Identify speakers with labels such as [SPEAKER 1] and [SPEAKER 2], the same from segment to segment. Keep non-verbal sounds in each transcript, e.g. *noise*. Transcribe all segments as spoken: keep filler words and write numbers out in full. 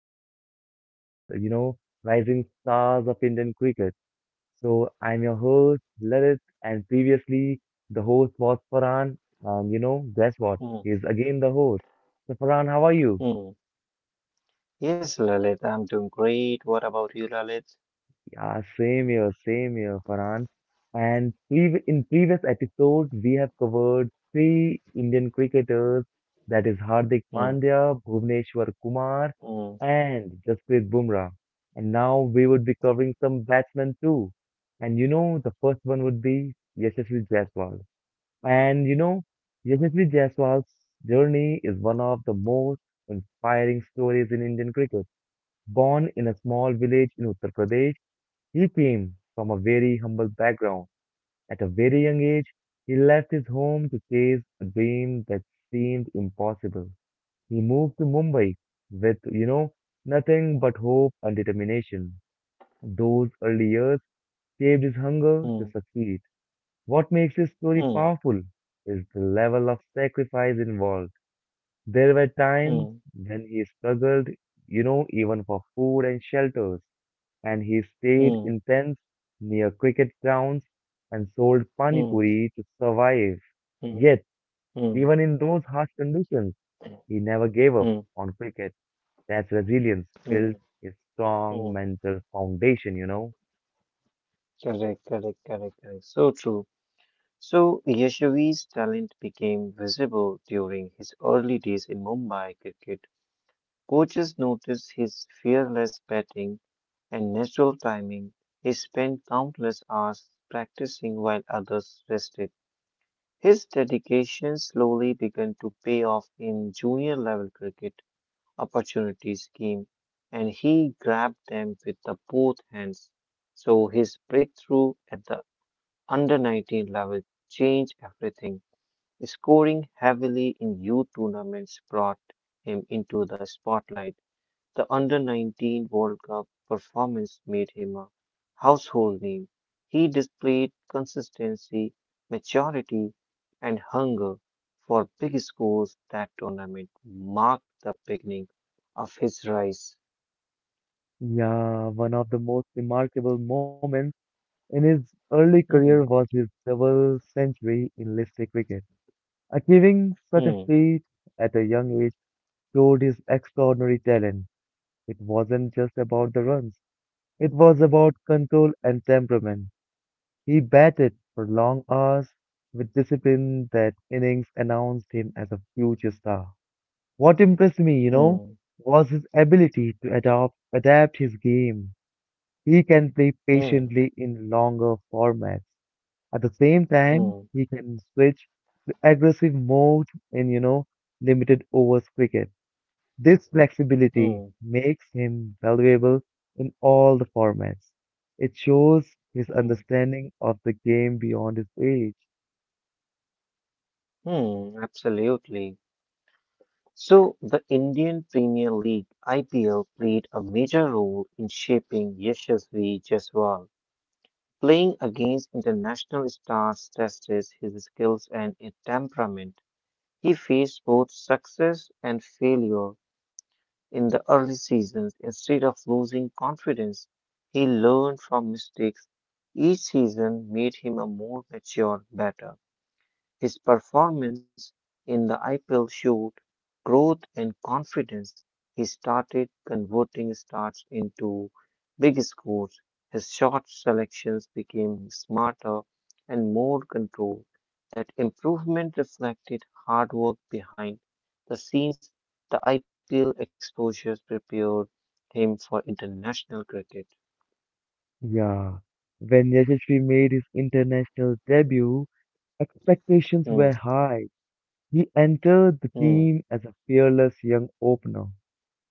[SPEAKER 1] our part two of you know rising stars of Indian cricket. So I'm your host Lalit, and previously the host was Farhan, and you know guess what?
[SPEAKER 2] Mm,
[SPEAKER 1] He's again the host. So Farhan, how are you?
[SPEAKER 2] mm, yes, Lalit, I'm doing great. What about you, Lalit?
[SPEAKER 1] Yeah, same here, same here, Farhan. And prev in previous episodes, we have covered three Indian cricketers, that is Hardik
[SPEAKER 2] Mm,
[SPEAKER 1] Pandya, Bhuvneshwar Kumar,
[SPEAKER 2] mm,
[SPEAKER 1] and Jasprit Bumrah. And now we would be covering some batsmen too. And you know, the first one would be Yashasvi Jaiswal. And you know, Yashasvi Jaiswal's journey is one of the most inspiring stories in Indian cricket. Born in a small village in Uttar Pradesh, he came from a very humble background. At a very young age, he left his home to chase a dream that seemed impossible. He moved to Mumbai with, you know, nothing but hope and determination. Those early years shaped his hunger to
[SPEAKER 2] mm,
[SPEAKER 1] succeed. What makes his story
[SPEAKER 2] mm,
[SPEAKER 1] powerful is the level of sacrifice involved. There were times
[SPEAKER 2] mm,
[SPEAKER 1] when he struggled, you know, even for food and shelters and he stayed
[SPEAKER 2] mm,
[SPEAKER 1] in tents near cricket grounds and sold pani
[SPEAKER 2] mm,
[SPEAKER 1] puri to survive.
[SPEAKER 2] mm,
[SPEAKER 1] Yet,
[SPEAKER 2] mm,
[SPEAKER 1] even in those harsh conditions, he never gave up
[SPEAKER 2] mm,
[SPEAKER 1] on cricket. That resilience built
[SPEAKER 2] mm,
[SPEAKER 1] his strong
[SPEAKER 2] mm.
[SPEAKER 1] mental foundation, you know.
[SPEAKER 2] Correct, correct, correct, correct. So true. So Yashavi's talent became visible during his early days in Mumbai cricket. Coaches noticed his fearless batting and natural timing. He spent countless hours practicing while others rested. His dedication slowly began to pay off in junior level cricket. Opportunities came and he grabbed them with the both hands. So his breakthrough at the under nineteen level changed everything. Scoring heavily in youth tournaments brought him into the spotlight. The under nineteen World Cup performance made him a household name. He displayed consistency, maturity, and hunger for big scores. That tournament marked the beginning of his rise.
[SPEAKER 1] Yeah, one of the most remarkable moments in his early career
[SPEAKER 2] Hmm,
[SPEAKER 1] was his double century in Leicester cricket. Achieving such a
[SPEAKER 2] hmm,
[SPEAKER 1] feat at a young age showed his extraordinary talent. It wasn't just about the runs, it was about control and temperament. He batted for long hours with discipline that innings announced him as a future star. What impressed me, you know,
[SPEAKER 2] hmm,
[SPEAKER 1] was his ability to adopt, adapt his game. He can play
[SPEAKER 2] hmm,
[SPEAKER 1] patiently in longer formats. At the same time,
[SPEAKER 2] hmm,
[SPEAKER 1] he can switch to aggressive mode in, you know, limited overs cricket. This flexibility
[SPEAKER 2] hmm,
[SPEAKER 1] makes him valuable in all the formats. It shows his
[SPEAKER 2] hmm,
[SPEAKER 1] understanding of the game beyond his age.
[SPEAKER 2] hmm, absolutely. So, the Indian Premier League, I P L, played a major role in shaping Yashasvi Jaiswal. Playing against international stars tested his skills and his temperament. He faced both success and failure in the early seasons. Instead of losing confidence, he learned from mistakes. Each season made him a more mature batter. His performance in the I P L showed growth and confidence. He started converting starts into big scores. His shot selections became smarter and more controlled. That improvement reflected hard work behind the scenes. The I P L exposures prepared him for international cricket.
[SPEAKER 1] Yeah, when Yashasvi made his international debut, expectations
[SPEAKER 2] Hmm,
[SPEAKER 1] were high. He entered the
[SPEAKER 2] hmm,
[SPEAKER 1] team as a fearless young opener.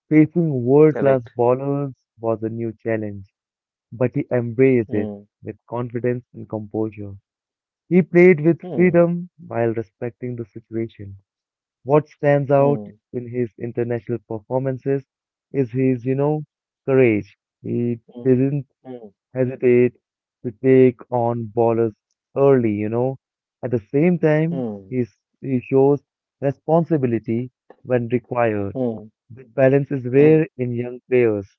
[SPEAKER 1] Facing world class
[SPEAKER 2] correct.
[SPEAKER 1] bowlers was a new challenge, but he embraced it
[SPEAKER 2] Hmm,
[SPEAKER 1] with confidence and composure. He played with
[SPEAKER 2] hmm,
[SPEAKER 1] freedom while respecting the situation. What stands out
[SPEAKER 2] hmm,
[SPEAKER 1] in his international performances is his, you know, courage. He didn't
[SPEAKER 2] hmm,
[SPEAKER 1] hesitate to take on ballers early, you know. At the same time,
[SPEAKER 2] hmm,
[SPEAKER 1] he's, he shows responsibility when required.
[SPEAKER 2] hmm,
[SPEAKER 1] This balance is rare
[SPEAKER 2] hmm.
[SPEAKER 1] in young players.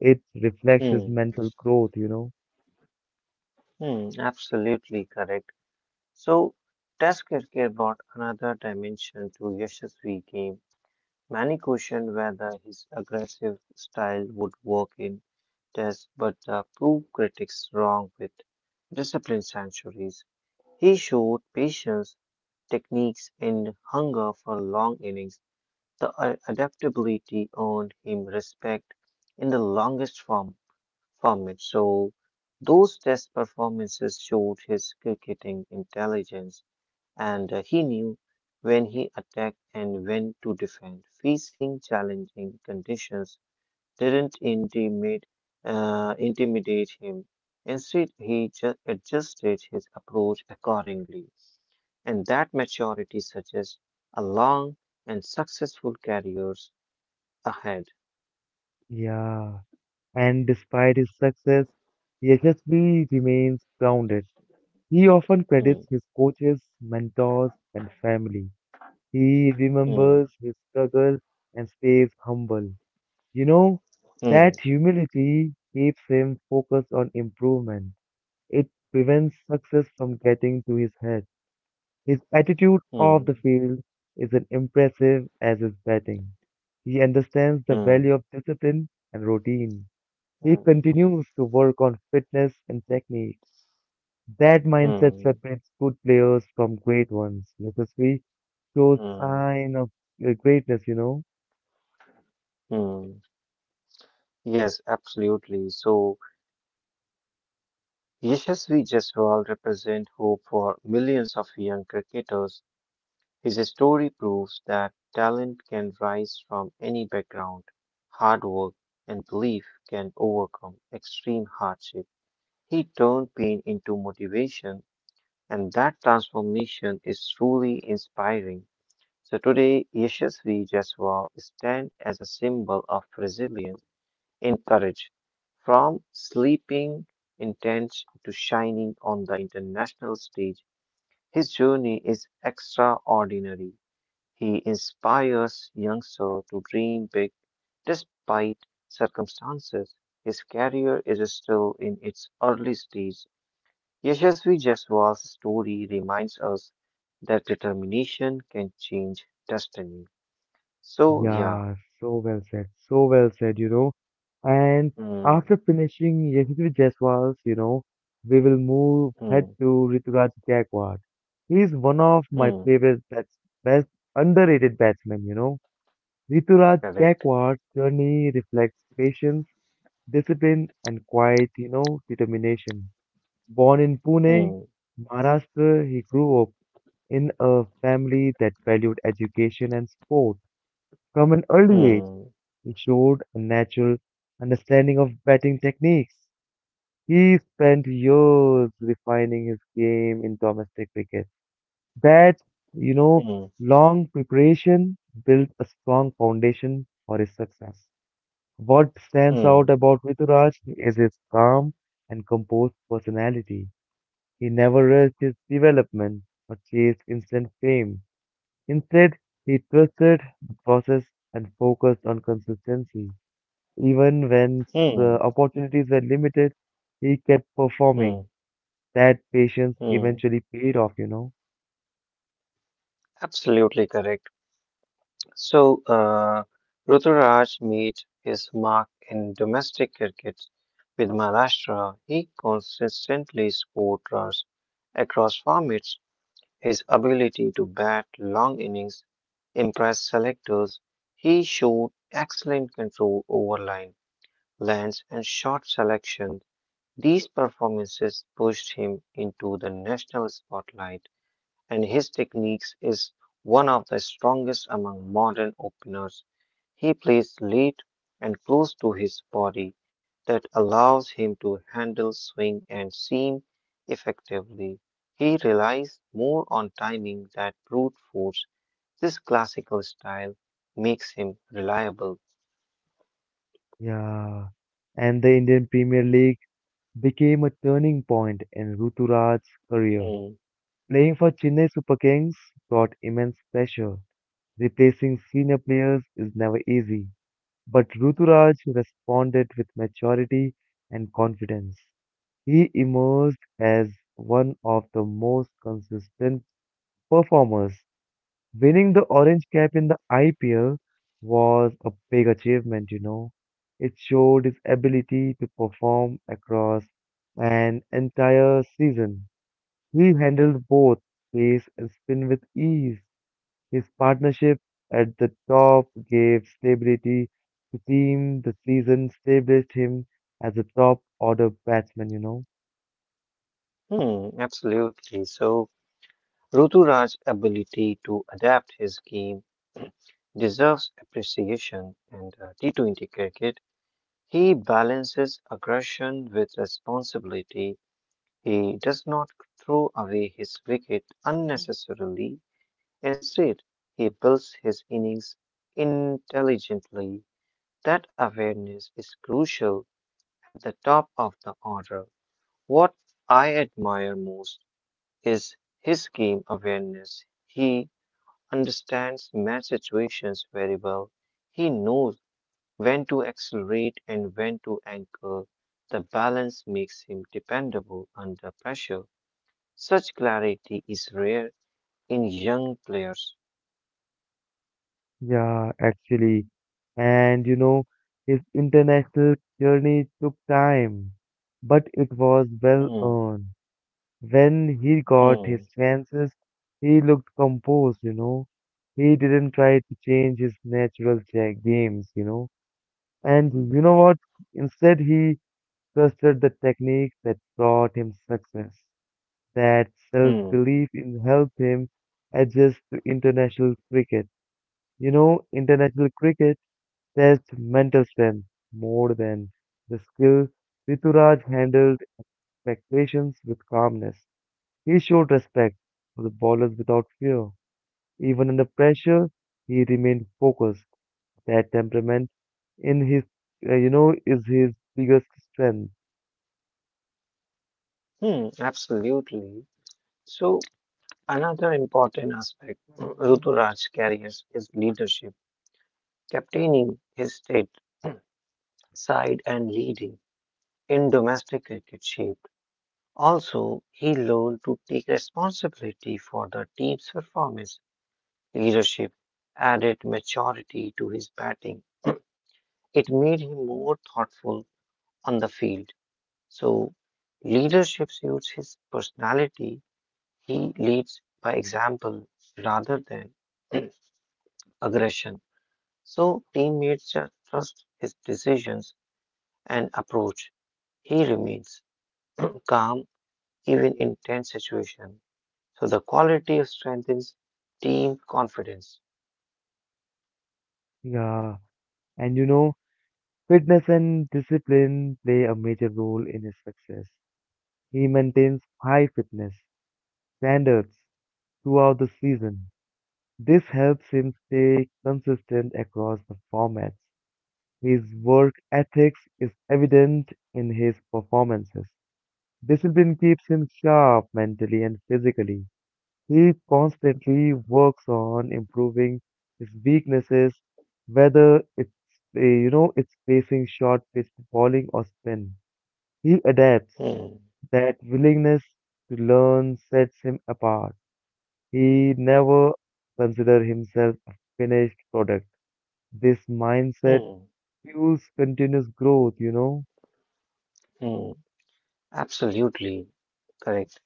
[SPEAKER 1] It reflects his
[SPEAKER 2] Hmm,
[SPEAKER 1] mental growth, you know.
[SPEAKER 2] hmm, absolutely correct. So, Test cricket brought another dimension to Yashasvi game. Many questioned whether his aggressive style would work in Test, but the proved critics wrong with disciplined centuries. He showed patience, techniques, and hunger for long innings. The a- adaptability earned him respect in the longest form performance. So those test performances showed his cricketing intelligence, and uh, he knew when he attacked and when to defend. Facing challenging conditions didn't intimidate, uh, intimidate him. Instead, he ju- adjusted his approach accordingly. And that maturity suggests a long and successful careers ahead.
[SPEAKER 1] Yeah. And despite his success, Yashasvi remains grounded. He often credits
[SPEAKER 2] Hmm,
[SPEAKER 1] his coaches, mentors, and family. He
[SPEAKER 2] hmm,
[SPEAKER 1] remembers his struggle and stays humble. You know, that
[SPEAKER 2] hmm,
[SPEAKER 1] humility keeps him focused on improvement. It prevents success from getting to his head. His attitude off
[SPEAKER 2] hmm,
[SPEAKER 1] the field is as impressive as his batting. He understands the
[SPEAKER 2] hmm,
[SPEAKER 1] value of discipline and routine.
[SPEAKER 2] hmm,
[SPEAKER 1] He
[SPEAKER 2] hmm.
[SPEAKER 1] continues to work on fitness and technique. That mindset
[SPEAKER 2] Hmm.
[SPEAKER 1] separates good players from great ones. Necessary shows
[SPEAKER 2] Mm,
[SPEAKER 1] sign of uh, greatness, you know.
[SPEAKER 2] mm. Yes, absolutely. So, Yashasvi Jaiswal represent hope for millions of young cricketers. His story proves that talent can rise from any background. Hard work and belief can overcome extreme hardship. He turned pain into motivation, and that transformation is truly inspiring. So today, Yashasvi Jaiswal stands as a symbol of resilience in courage, from sleeping in tents to shining on the international stage. His journey is extraordinary. He inspires youngsters to dream big despite circumstances. His career is still in its early stage. Yashasvi Jaiswal's story reminds us that determination can change destiny. So, yeah.
[SPEAKER 1] Yeah, so well said, so well said, you know. And
[SPEAKER 2] Hmm,
[SPEAKER 1] after finishing Yashasvi Jaiswal's, you know, we will move head
[SPEAKER 2] hmm,
[SPEAKER 1] to Rituraj Gaikwad. He is one of my
[SPEAKER 2] hmm,
[SPEAKER 1] favorite bats, best underrated batsmen, you know. Rituraj
[SPEAKER 2] correct.
[SPEAKER 1] Gaikwad's journey reflects patience, discipline, and quiet, you know, determination. Born in Pune,
[SPEAKER 2] Hmm,
[SPEAKER 1] Maharashtra, he grew up in a family that valued education and sport. From an early age,
[SPEAKER 2] hmm.
[SPEAKER 1] he showed a natural understanding of batting techniques. He spent years refining his game in domestic cricket. That, you know,
[SPEAKER 2] Mm,
[SPEAKER 1] long preparation built a strong foundation for his success. What stands
[SPEAKER 2] mm,
[SPEAKER 1] out about Rituraj is his calm and composed personality. He never rushed his development or chased instant fame. Instead, he trusted the process and focused on consistency. Even when the
[SPEAKER 2] mm,
[SPEAKER 1] opportunities were limited, he kept
[SPEAKER 2] mm,
[SPEAKER 1] performing. That patience
[SPEAKER 2] mm.
[SPEAKER 1] eventually paid off, you know.
[SPEAKER 2] Absolutely correct. So, uh, Ruturaj made his mark in domestic cricket with Maharashtra. He consistently scored runs across formats. His ability to bat long innings impressed selectors. He showed excellent control over line, lands, and shot selection. These performances pushed him into the national spotlight, and his techniques is one of the strongest among modern openers. He plays late and close to his body. That allows him to handle swing and seam effectively. He relies more on timing than brute force. This classical style makes him reliable.
[SPEAKER 1] Yeah. And the Indian Premier League became a turning point in Ruturaj's career.
[SPEAKER 2] Mm,
[SPEAKER 1] Playing for Chennai Super Kings brought immense pressure. Replacing senior players is never easy. But Ruturaj responded with maturity and confidence. He emerged as one of the most consistent performers. Winning the Orange Cap in the I P L was a big achievement, you know. It showed his ability to perform across an entire season. He handled both pace and spin with ease his partnership at the top gave stability to team the season, established him as a top order batsman, you know.
[SPEAKER 2] hmm, absolutely. So, Ruturaj's ability to adapt his game deserves appreciation, and uh, T twenty cricket. He balances aggression with responsibility. He does not throw away his wicket unnecessarily. Instead, he builds his innings intelligently. That awareness is crucial at the top of the order. What I admire most is his game awareness. He understands match situations very well. He knows when to accelerate and when to anchor. The balance makes him dependable under pressure. Such clarity is rare in young players.
[SPEAKER 1] Yeah, actually. And you know, his international journey took time, but it was well
[SPEAKER 2] Hmm,
[SPEAKER 1] earned. When he got
[SPEAKER 2] hmm,
[SPEAKER 1] his chances, he looked composed, you know. He didn't try to change his natural cha- games, you know. And you know what? Instead, he trusted the techniques that brought him success. That self
[SPEAKER 2] hmm,
[SPEAKER 1] belief in helped him adjust to international cricket. You know, international cricket tests mental strength more than the skill. Rituraj handled expectations with calmness. He showed respect for the bowlers without fear. Even under pressure, he remained focused. That temperament in his, uh, you know, is his biggest strength.
[SPEAKER 2] hmm, absolutely. So, another important aspect *clears throat* Ruturaj's carries is leadership, captaining his state *clears throat* side and leading in domestic cricket shaped. Also, he learned to take responsibility for the team's performance. Leadership added maturity to his batting. It made him more thoughtful on the field. So, leadership suits his personality. He leads by example rather than *clears throat* aggression. So, teammates ju- trust his decisions and approach. He remains *clears throat* calm even in tense situations. So, the quality of strengthens team confidence.
[SPEAKER 1] Yeah, and you know, fitness and discipline play a major role in his success. He maintains high fitness standards throughout the season. This helps him stay consistent across the formats. His work ethics is evident in his performances. Discipline keeps him sharp mentally and physically. He constantly works on improving his weaknesses, whether it's, uh, you know, it's facing short pitch bowling or spin. He adapts.
[SPEAKER 2] Hmm,
[SPEAKER 1] That willingness to learn sets him apart. He never considers himself a finished product. This mindset
[SPEAKER 2] hmm,
[SPEAKER 1] fuels continuous growth, you know?
[SPEAKER 2] hmm. Absolutely correct.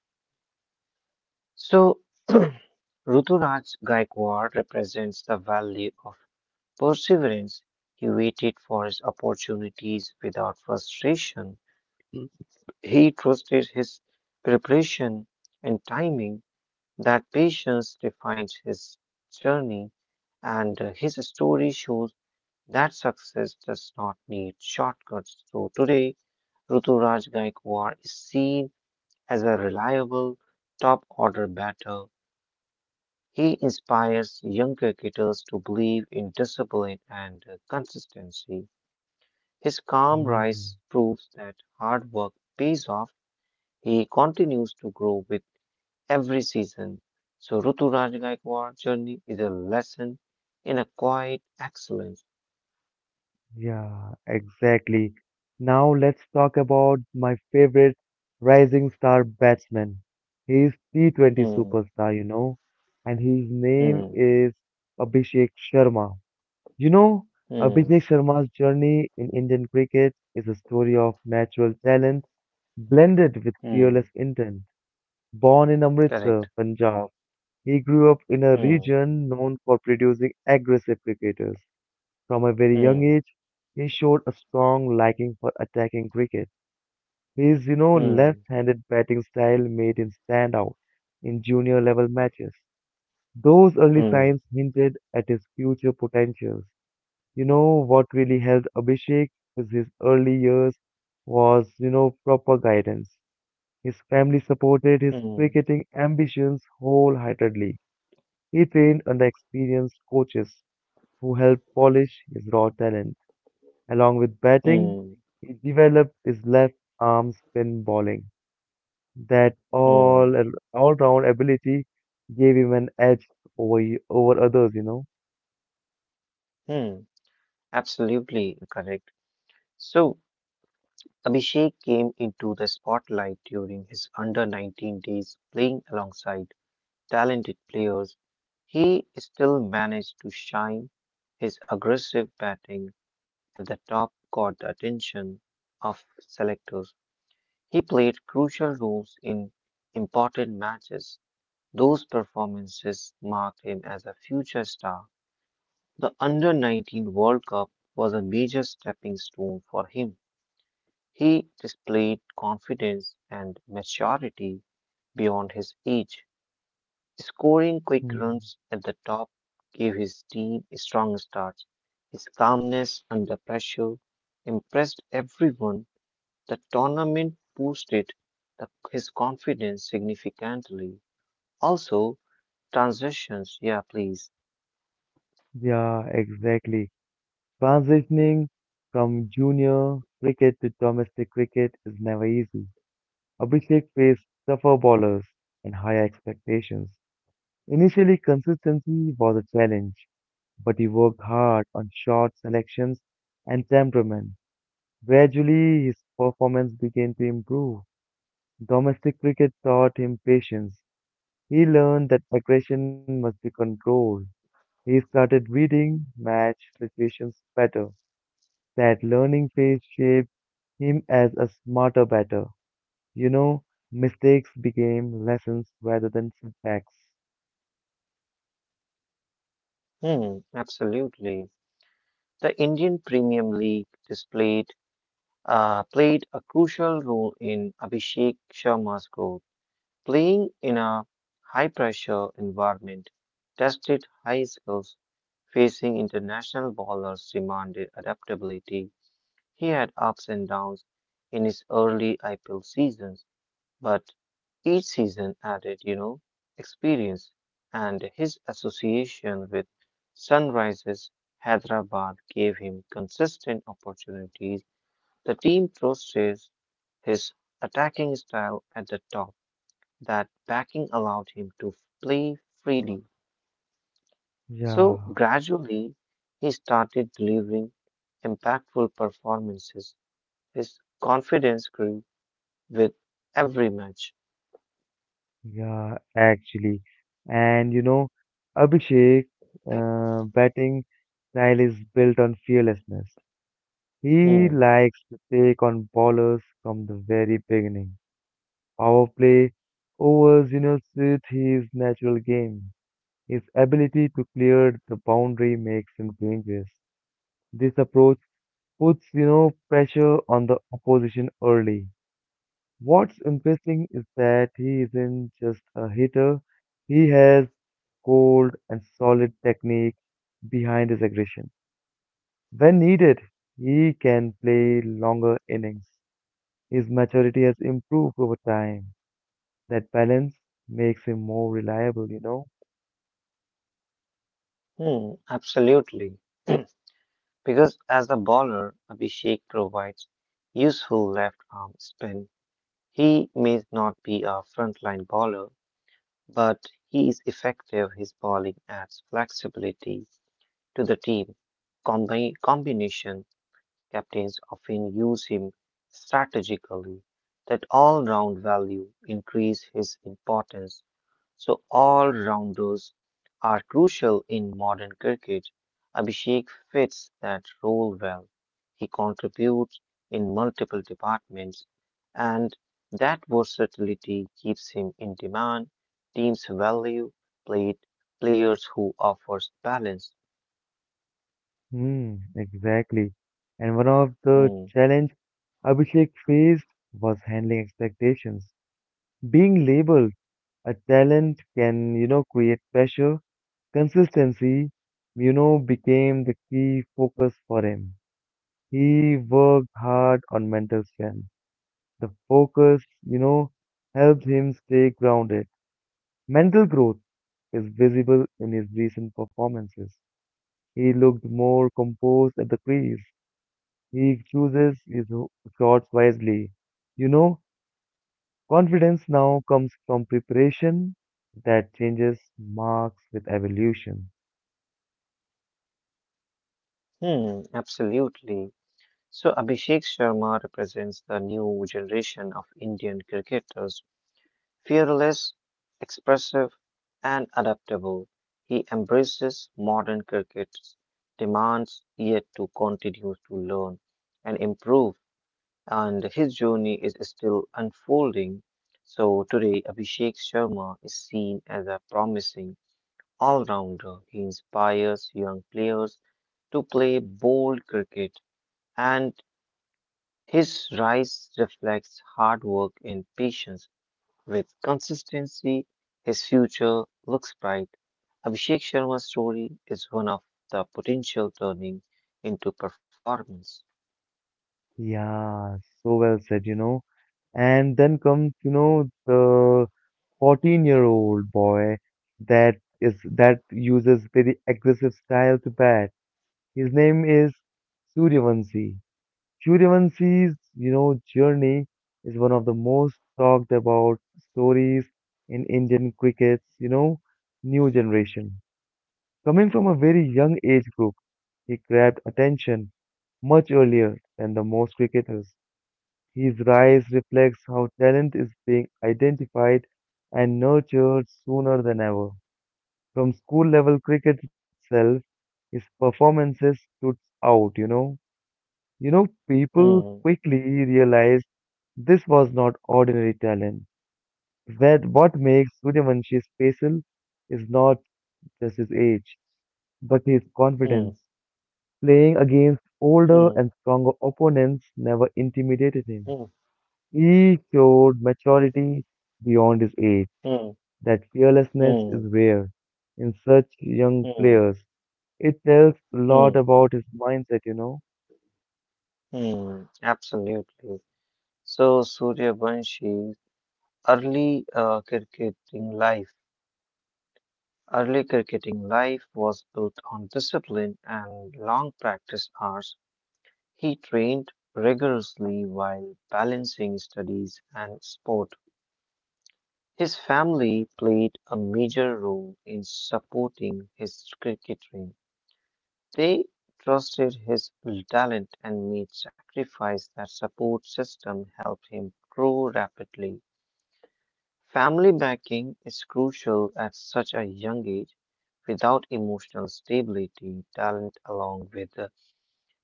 [SPEAKER 2] So, *clears throat* Ruturaj Gaikwad represents the value of perseverance. He waited for his opportunities without frustration. He trusted his preparation and timing. That patience defines his journey, and uh, his story shows that success does not need shortcuts. So, today, Ruturaj Gaikwad is seen as a reliable top order batter. He inspires young cricketers to believe in discipline and consistency. His calm
[SPEAKER 1] Hmm.
[SPEAKER 2] rise proves that hard work pays off. He continues to grow with every season. So Ruturaj Gaikwad's journey is a lesson in a quiet excellence.
[SPEAKER 1] Yeah, exactly. Now let's talk about my favorite rising star batsman. He is T twenty
[SPEAKER 2] Hmm,
[SPEAKER 1] superstar, you know, and his name
[SPEAKER 2] hmm,
[SPEAKER 1] is Abhishek Sharma. You know,
[SPEAKER 2] hmm,
[SPEAKER 1] Abhishek Sharma's journey in Indian cricket is a story of natural talent blended with fearless
[SPEAKER 2] hmm.
[SPEAKER 1] intent. Born in Amritsar,
[SPEAKER 2] Correct.
[SPEAKER 1] Punjab, he grew up in a
[SPEAKER 2] Hmm,
[SPEAKER 1] region known for producing aggressive cricketers. From a very young
[SPEAKER 2] hmm,
[SPEAKER 1] age, he showed a strong liking for attacking cricket. His, you know,
[SPEAKER 2] hmm,
[SPEAKER 1] left-handed batting style made him stand out in junior level matches. Those early
[SPEAKER 2] hmm,
[SPEAKER 1] signs hinted at his future potentials. You know what really helped Abhishek is his early years was, you know, proper guidance. His family supported his
[SPEAKER 2] hmm,
[SPEAKER 1] cricketing ambitions wholeheartedly. He trained under experienced coaches who helped polish his raw talent. Along with batting,
[SPEAKER 2] hmm,
[SPEAKER 1] he developed his left arm spin bowling. That all
[SPEAKER 2] hmm,
[SPEAKER 1] all round ability gave him an edge over over others, you know.
[SPEAKER 2] hmm. Absolutely correct. So, Abhishek came into the spotlight during his under nineteen days playing alongside talented players. He still managed to shine. His aggressive batting at the top caught the attention of selectors. He played crucial roles in important matches. Those performances marked him as a future star. The under nineteen World Cup was a major stepping stone for him. He displayed confidence and maturity beyond his age. Scoring quick
[SPEAKER 1] Hmm.
[SPEAKER 2] runs at the top gave his team a strong start. His calmness under pressure impressed everyone. The tournament boosted the- his confidence significantly. Also, transitions, yeah, please.
[SPEAKER 1] Yeah, exactly. Transitioning from junior cricket to domestic cricket is never easy. Abhishek faced tougher bowlers and higher expectations. Initially, consistency was a challenge, but he worked hard on short selections and temperament. Gradually, his performance began to improve. Domestic cricket taught him patience. He learned that aggression must be controlled. He started reading match situations better. That learning phase shaped him as a smarter batter. You know, mistakes became lessons rather than setbacks.
[SPEAKER 2] Hmm, absolutely. The Indian Premium League displayed uh, played a crucial role in Abhishek Sharma's growth. Playing in a high pressure environment tested high skills. Facing international bowlers demanded adaptability. He had ups and downs in his early I P L seasons, but each season added, you know, experience. And his association with Sunrises Hyderabad gave him consistent opportunities. The team trusted his attacking style at the top. That backing allowed him to play freely. So
[SPEAKER 1] Yeah,
[SPEAKER 2] gradually, he started delivering impactful performances. His confidence grew with every match.
[SPEAKER 1] yeah, actually. And you know, Abhishek, uh, batting style is built on fearlessness. He
[SPEAKER 2] Hmm,
[SPEAKER 1] likes to take on bowlers from the very beginning. Power play, overs, you know, suit his natural game. His ability to clear the boundary makes him dangerous. This approach puts, you know, pressure on the opposition early. What's interesting is that he isn't just a hitter, he has cold and solid technique behind his aggression. When needed, he can play longer innings. His maturity has improved over time. That balance makes him more reliable, you know?
[SPEAKER 2] hmm, absolutely. *clears throat* Because as a bowler, Abhishek provides useful left arm spin. He may not be a frontline bowler, but he is effective. His bowling adds flexibility to the team. Combi- combination captains often use him strategically. That all round value increase his importance. So all rounders are crucial in modern cricket. Abhishek fits that role well. He contributes in multiple departments, and that versatility keeps him in demand. Teams value played players who offers balance.
[SPEAKER 1] Hmm, exactly. And one of the
[SPEAKER 2] Hmm.
[SPEAKER 1] challenge Abhishek faced was handling expectations. Being labeled a talent can, you know, create pressure. Consistency, you know, became the key focus for him. He worked hard on mental strength. The focus, you know, helped him stay grounded. Mental growth is visible in his recent performances. He looked more composed at the crease. He chooses his ho- shots wisely. You know, confidence now comes from preparation that changes marks with evolution.
[SPEAKER 2] Hmm, absolutely. So Abhishek Sharma represents the new generation of Indian cricketers, fearless, expressive, and adaptable. He embraces modern cricket's demands, yet to continue to learn and improve, and his journey is still unfolding. So today, Abhishek Sharma is seen as a promising all-rounder. He inspires young players to play bold cricket, and his rise reflects hard work and patience. With consistency, his future looks bright. Abhishek Sharma's story is one of the potential turning into performance.
[SPEAKER 1] Yeah, so well said, you know. And then comes, you know, the fourteen-year-old boy that is that uses very aggressive style to bat. His name is Suryavanshi. Suryavanshi's, you know, journey is one of the most talked about stories in Indian cricket's, you know, new generation. Coming from a very young age group, he grabbed attention much earlier than the most cricketers. His rise reflects how talent is being identified and nurtured sooner than ever. From school level cricket itself, his performances stood out, you know. You know, people
[SPEAKER 2] Hmm,
[SPEAKER 1] quickly realized this was not ordinary talent. That what makes Suryavanshi special is not just his age, but his
[SPEAKER 2] hmm,
[SPEAKER 1] confidence. Playing against older
[SPEAKER 2] hmm,
[SPEAKER 1] and stronger opponents never intimidated him.
[SPEAKER 2] hmm,
[SPEAKER 1] He showed maturity beyond his age.
[SPEAKER 2] hmm,
[SPEAKER 1] That fearlessness is
[SPEAKER 2] hmm,
[SPEAKER 1] rare in such young
[SPEAKER 2] hmm,
[SPEAKER 1] players. It tells a
[SPEAKER 2] hmm,
[SPEAKER 1] lot about his mindset, you know.
[SPEAKER 2] hmm. Absolutely. So Surya Banshi's early uh, cricketing life. Early cricketing life was built on discipline and long practice hours. He trained rigorously while balancing studies and sport. His family played a major role in supporting his cricket dream. They trusted his talent and made sacrifice. That support system helped him grow rapidly. Family backing is crucial at such a young age. Without emotional stability, talent along with uh,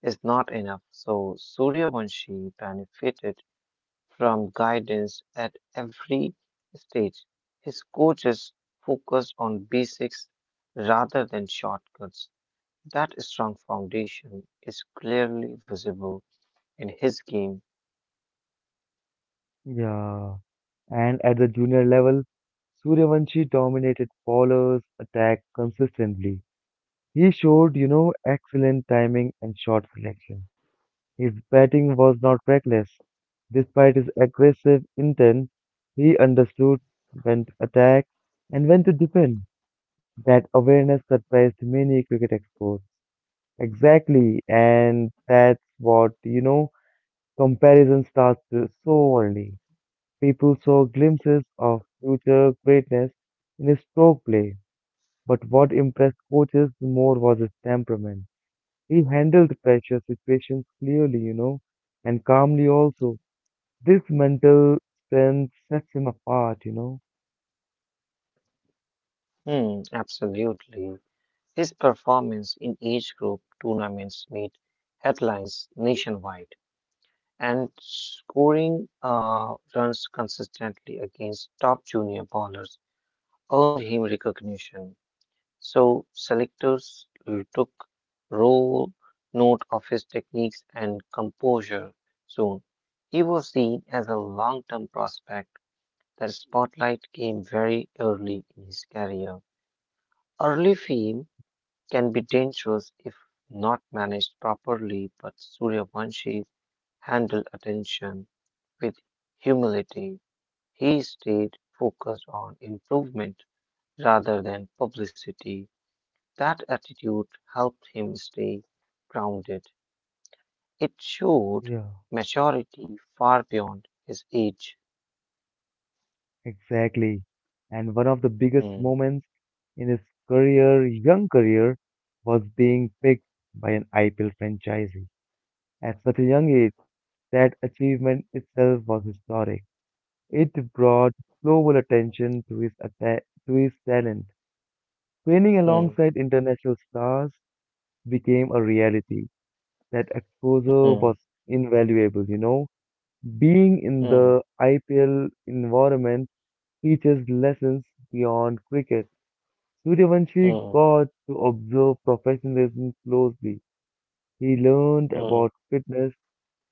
[SPEAKER 2] is not enough. So Suryavanshi benefited from guidance at every stage. His coaches focused on basics rather than shortcuts. That strong foundation is clearly visible in his game.
[SPEAKER 1] Yeah. And at the junior level, Suryavanshi dominated bowlers' attack consistently. He showed, you know, excellent timing and shot selection. His batting was not reckless. Despite his aggressive intent, he understood when to attack and when to defend. That awareness surprised many cricket experts. Exactly, and that's what, you know, comparison starts to- so early. People saw glimpses of future greatness in his stroke play, but what impressed coaches more was his temperament. He handled pressure situations clearly, you know, and calmly also. This mental strength sets him apart, you know.
[SPEAKER 2] Hmm, absolutely. His performance in age group tournaments made headlines nationwide, and scoring uh, runs consistently against top junior bowlers earned him recognition. So selectors took raw note of his techniques and composure soon. He was seen as a long-term prospect. That spotlight came very early in his career. Early fame can be dangerous if not managed properly, but Suryavanshi handled attention with humility. He stayed focused on improvement rather than publicity. That attitude helped him stay grounded. It showed
[SPEAKER 1] Yeah.
[SPEAKER 2] maturity far beyond his age.
[SPEAKER 1] Exactly. And one of the biggest
[SPEAKER 2] Hmm,
[SPEAKER 1] moments in his career, young career, was being picked by an I P L franchisee at such a young age. That achievement itself was historic. It brought global attention to his atta- to his talent. Training
[SPEAKER 2] hmm,
[SPEAKER 1] alongside international stars became a reality. That exposure
[SPEAKER 2] hmm,
[SPEAKER 1] was invaluable, you know. Being in
[SPEAKER 2] hmm,
[SPEAKER 1] the I P L environment teaches lessons beyond cricket. Suryavanshi
[SPEAKER 2] hmm,
[SPEAKER 1] got to observe professionalism closely. He learned
[SPEAKER 2] hmm,
[SPEAKER 1] about fitness,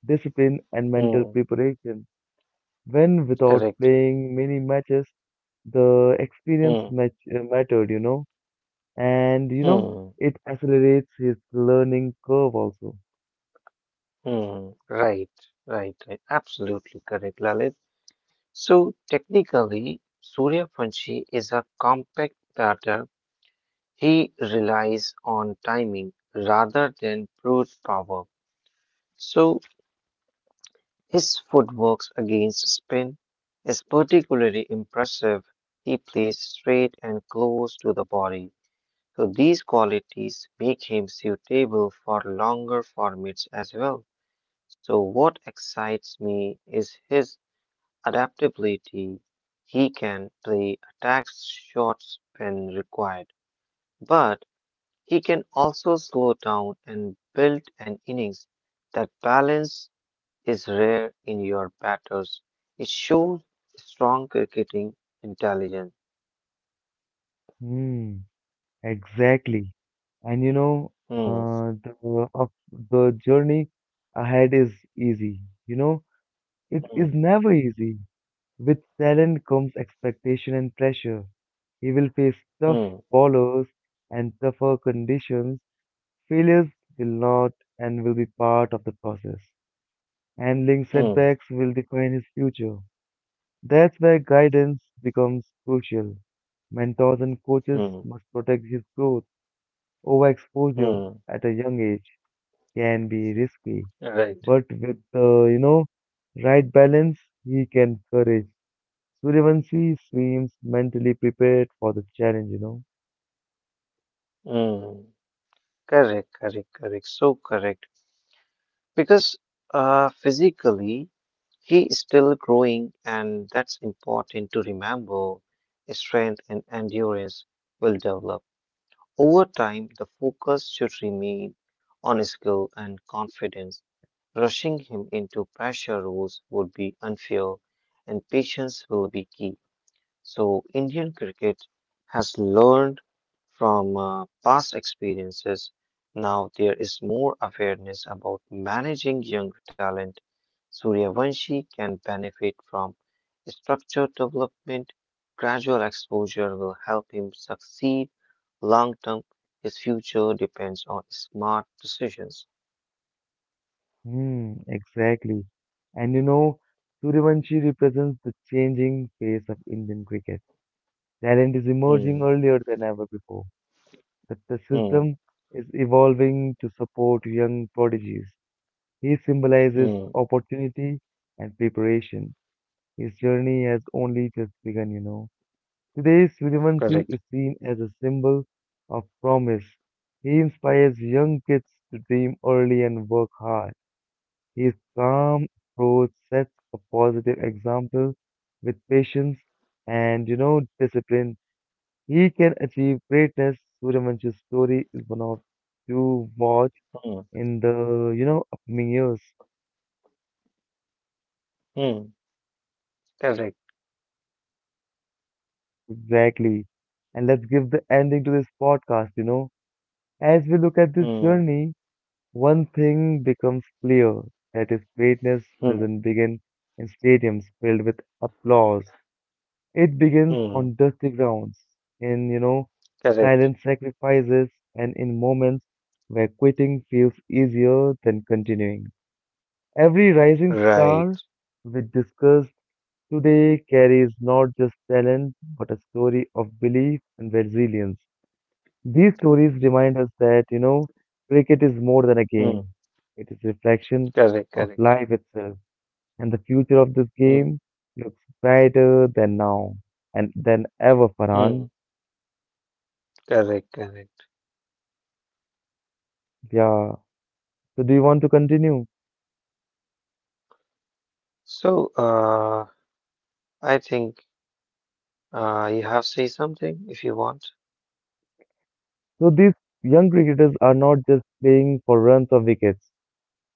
[SPEAKER 1] discipline, and mental
[SPEAKER 2] hmm.
[SPEAKER 1] preparation. When without
[SPEAKER 2] Correct.
[SPEAKER 1] playing many matches, the experience
[SPEAKER 2] Hmm,
[SPEAKER 1] mat- uh, mattered, you know, and you know,
[SPEAKER 2] hmm.
[SPEAKER 1] it accelerates his learning curve also.
[SPEAKER 2] Hmm, right, right, right. Absolutely correct, Lalit. So technically, Surya Panchi is a compact batter. He relies on timing rather than brute power. So his footwork against spin is particularly impressive. He plays straight and close to the body. So these qualities make him suitable for longer formats as well. So what excites me is his adaptability. He can play attack shots when required, but he can also slow down and build an innings. That balance is rare in your batters. It shows strong cricketing intelligence.
[SPEAKER 1] Hmm, exactly. And you know,
[SPEAKER 2] Hmm,
[SPEAKER 1] uh, the of the journey ahead is easy. You know, it
[SPEAKER 2] hmm,
[SPEAKER 1] is never easy. With talent comes expectation and pressure. He will face tough
[SPEAKER 2] hmm,
[SPEAKER 1] followers and tougher conditions. Failures will not and will be part of the process. Handling
[SPEAKER 2] hmm,
[SPEAKER 1] setbacks will define his future. That's where guidance becomes crucial. Mentors and coaches
[SPEAKER 2] hmm,
[SPEAKER 1] must protect his growth. Overexposure
[SPEAKER 2] hmm.
[SPEAKER 1] at a young age can be risky,
[SPEAKER 2] Right.
[SPEAKER 1] but with the you know right balance, he can courage. Suryavanshi seems mentally prepared for the challenge, you know.
[SPEAKER 2] Hmm. Correct, correct, correct. So correct. Because uh, physically he is still growing, and that's important to remember. Strength and endurance will develop over time. The focus should remain on skill and confidence. Rushing him into pressure roles would be unfair, and patience will be key. So, Indian cricket has learned from uh, past experiences. Now there is more awareness about managing young talent. Suryavanshi can benefit from structured development. Gradual exposure will help him succeed long term. His future depends on smart decisions.
[SPEAKER 1] Hmm, exactly. And you know, Suryavanshi represents the changing face of Indian cricket. Talent is emerging
[SPEAKER 2] Hmm,
[SPEAKER 1] earlier than ever before. The, the
[SPEAKER 2] hmm,
[SPEAKER 1] system is evolving to support young prodigies. He symbolizes
[SPEAKER 2] hmm,
[SPEAKER 1] opportunity and preparation. His journey has only just begun, you know. Today's Vilimansi is
[SPEAKER 2] correct.
[SPEAKER 1] seen as a symbol of promise. He inspires young kids to dream early and work hard. His calm approach sets a positive example with patience and, you know, discipline. He can achieve greatness. Suryavanchi's story is one of to watch
[SPEAKER 2] Hmm,
[SPEAKER 1] in the, you know, upcoming years.
[SPEAKER 2] hmm, correct.
[SPEAKER 1] Exactly. And let's give the ending to this podcast, you know. As we look at this
[SPEAKER 2] Hmm,
[SPEAKER 1] journey, one thing becomes clear, that is greatness
[SPEAKER 2] hmm,
[SPEAKER 1] doesn't begin in stadiums filled with applause. It begins
[SPEAKER 2] hmm,
[SPEAKER 1] on dusty grounds, in, you know, silent
[SPEAKER 2] correct.
[SPEAKER 1] sacrifices, and in moments where quitting feels easier than continuing. Every rising
[SPEAKER 2] Right.
[SPEAKER 1] star we discussed today carries not just talent, but a story of belief and resilience. These stories remind us that, you know, cricket is more than a game.
[SPEAKER 2] Mm,
[SPEAKER 1] It is a reflection
[SPEAKER 2] correct,
[SPEAKER 1] of
[SPEAKER 2] correct.
[SPEAKER 1] life itself, and the future of this game
[SPEAKER 2] Mm,
[SPEAKER 1] looks brighter than now and than ever,
[SPEAKER 2] mm,
[SPEAKER 1] Farhan.
[SPEAKER 2] correct, correct.
[SPEAKER 1] Yeah. So do you want to continue?
[SPEAKER 2] So, uh, I think uh, you have say something if you want.
[SPEAKER 1] So these young cricketers are not just playing for runs or wickets.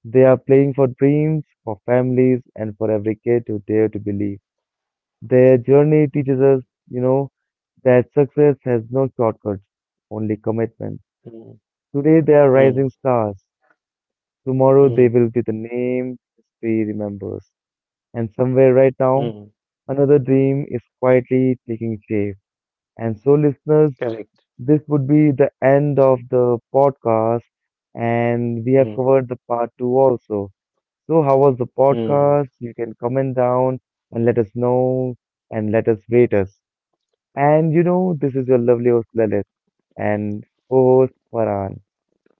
[SPEAKER 1] They are playing for dreams, for families, and for every kid who dare to believe. Their journey teaches us, you know, that success has no shortcuts, only commitment.
[SPEAKER 2] Mm,
[SPEAKER 1] Today they are rising
[SPEAKER 2] mm,
[SPEAKER 1] stars. Tomorrow they will
[SPEAKER 2] mm,
[SPEAKER 1] be the name history remembers. And somewhere right now,
[SPEAKER 2] mm,
[SPEAKER 1] another dream is quietly taking shape. And so, listeners,
[SPEAKER 2] correct.
[SPEAKER 1] this would be the end of the podcast. And we have
[SPEAKER 2] Mm,
[SPEAKER 1] covered the part two also. So, how was the podcast?
[SPEAKER 2] mm.
[SPEAKER 1] You can comment down and let us know and let us rate us. And you know, this is your lovely host Lalit and co host Farhan.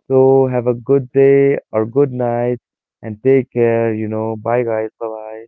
[SPEAKER 1] So have a good day or good night and take care, you know. Bye guys. Bye bye.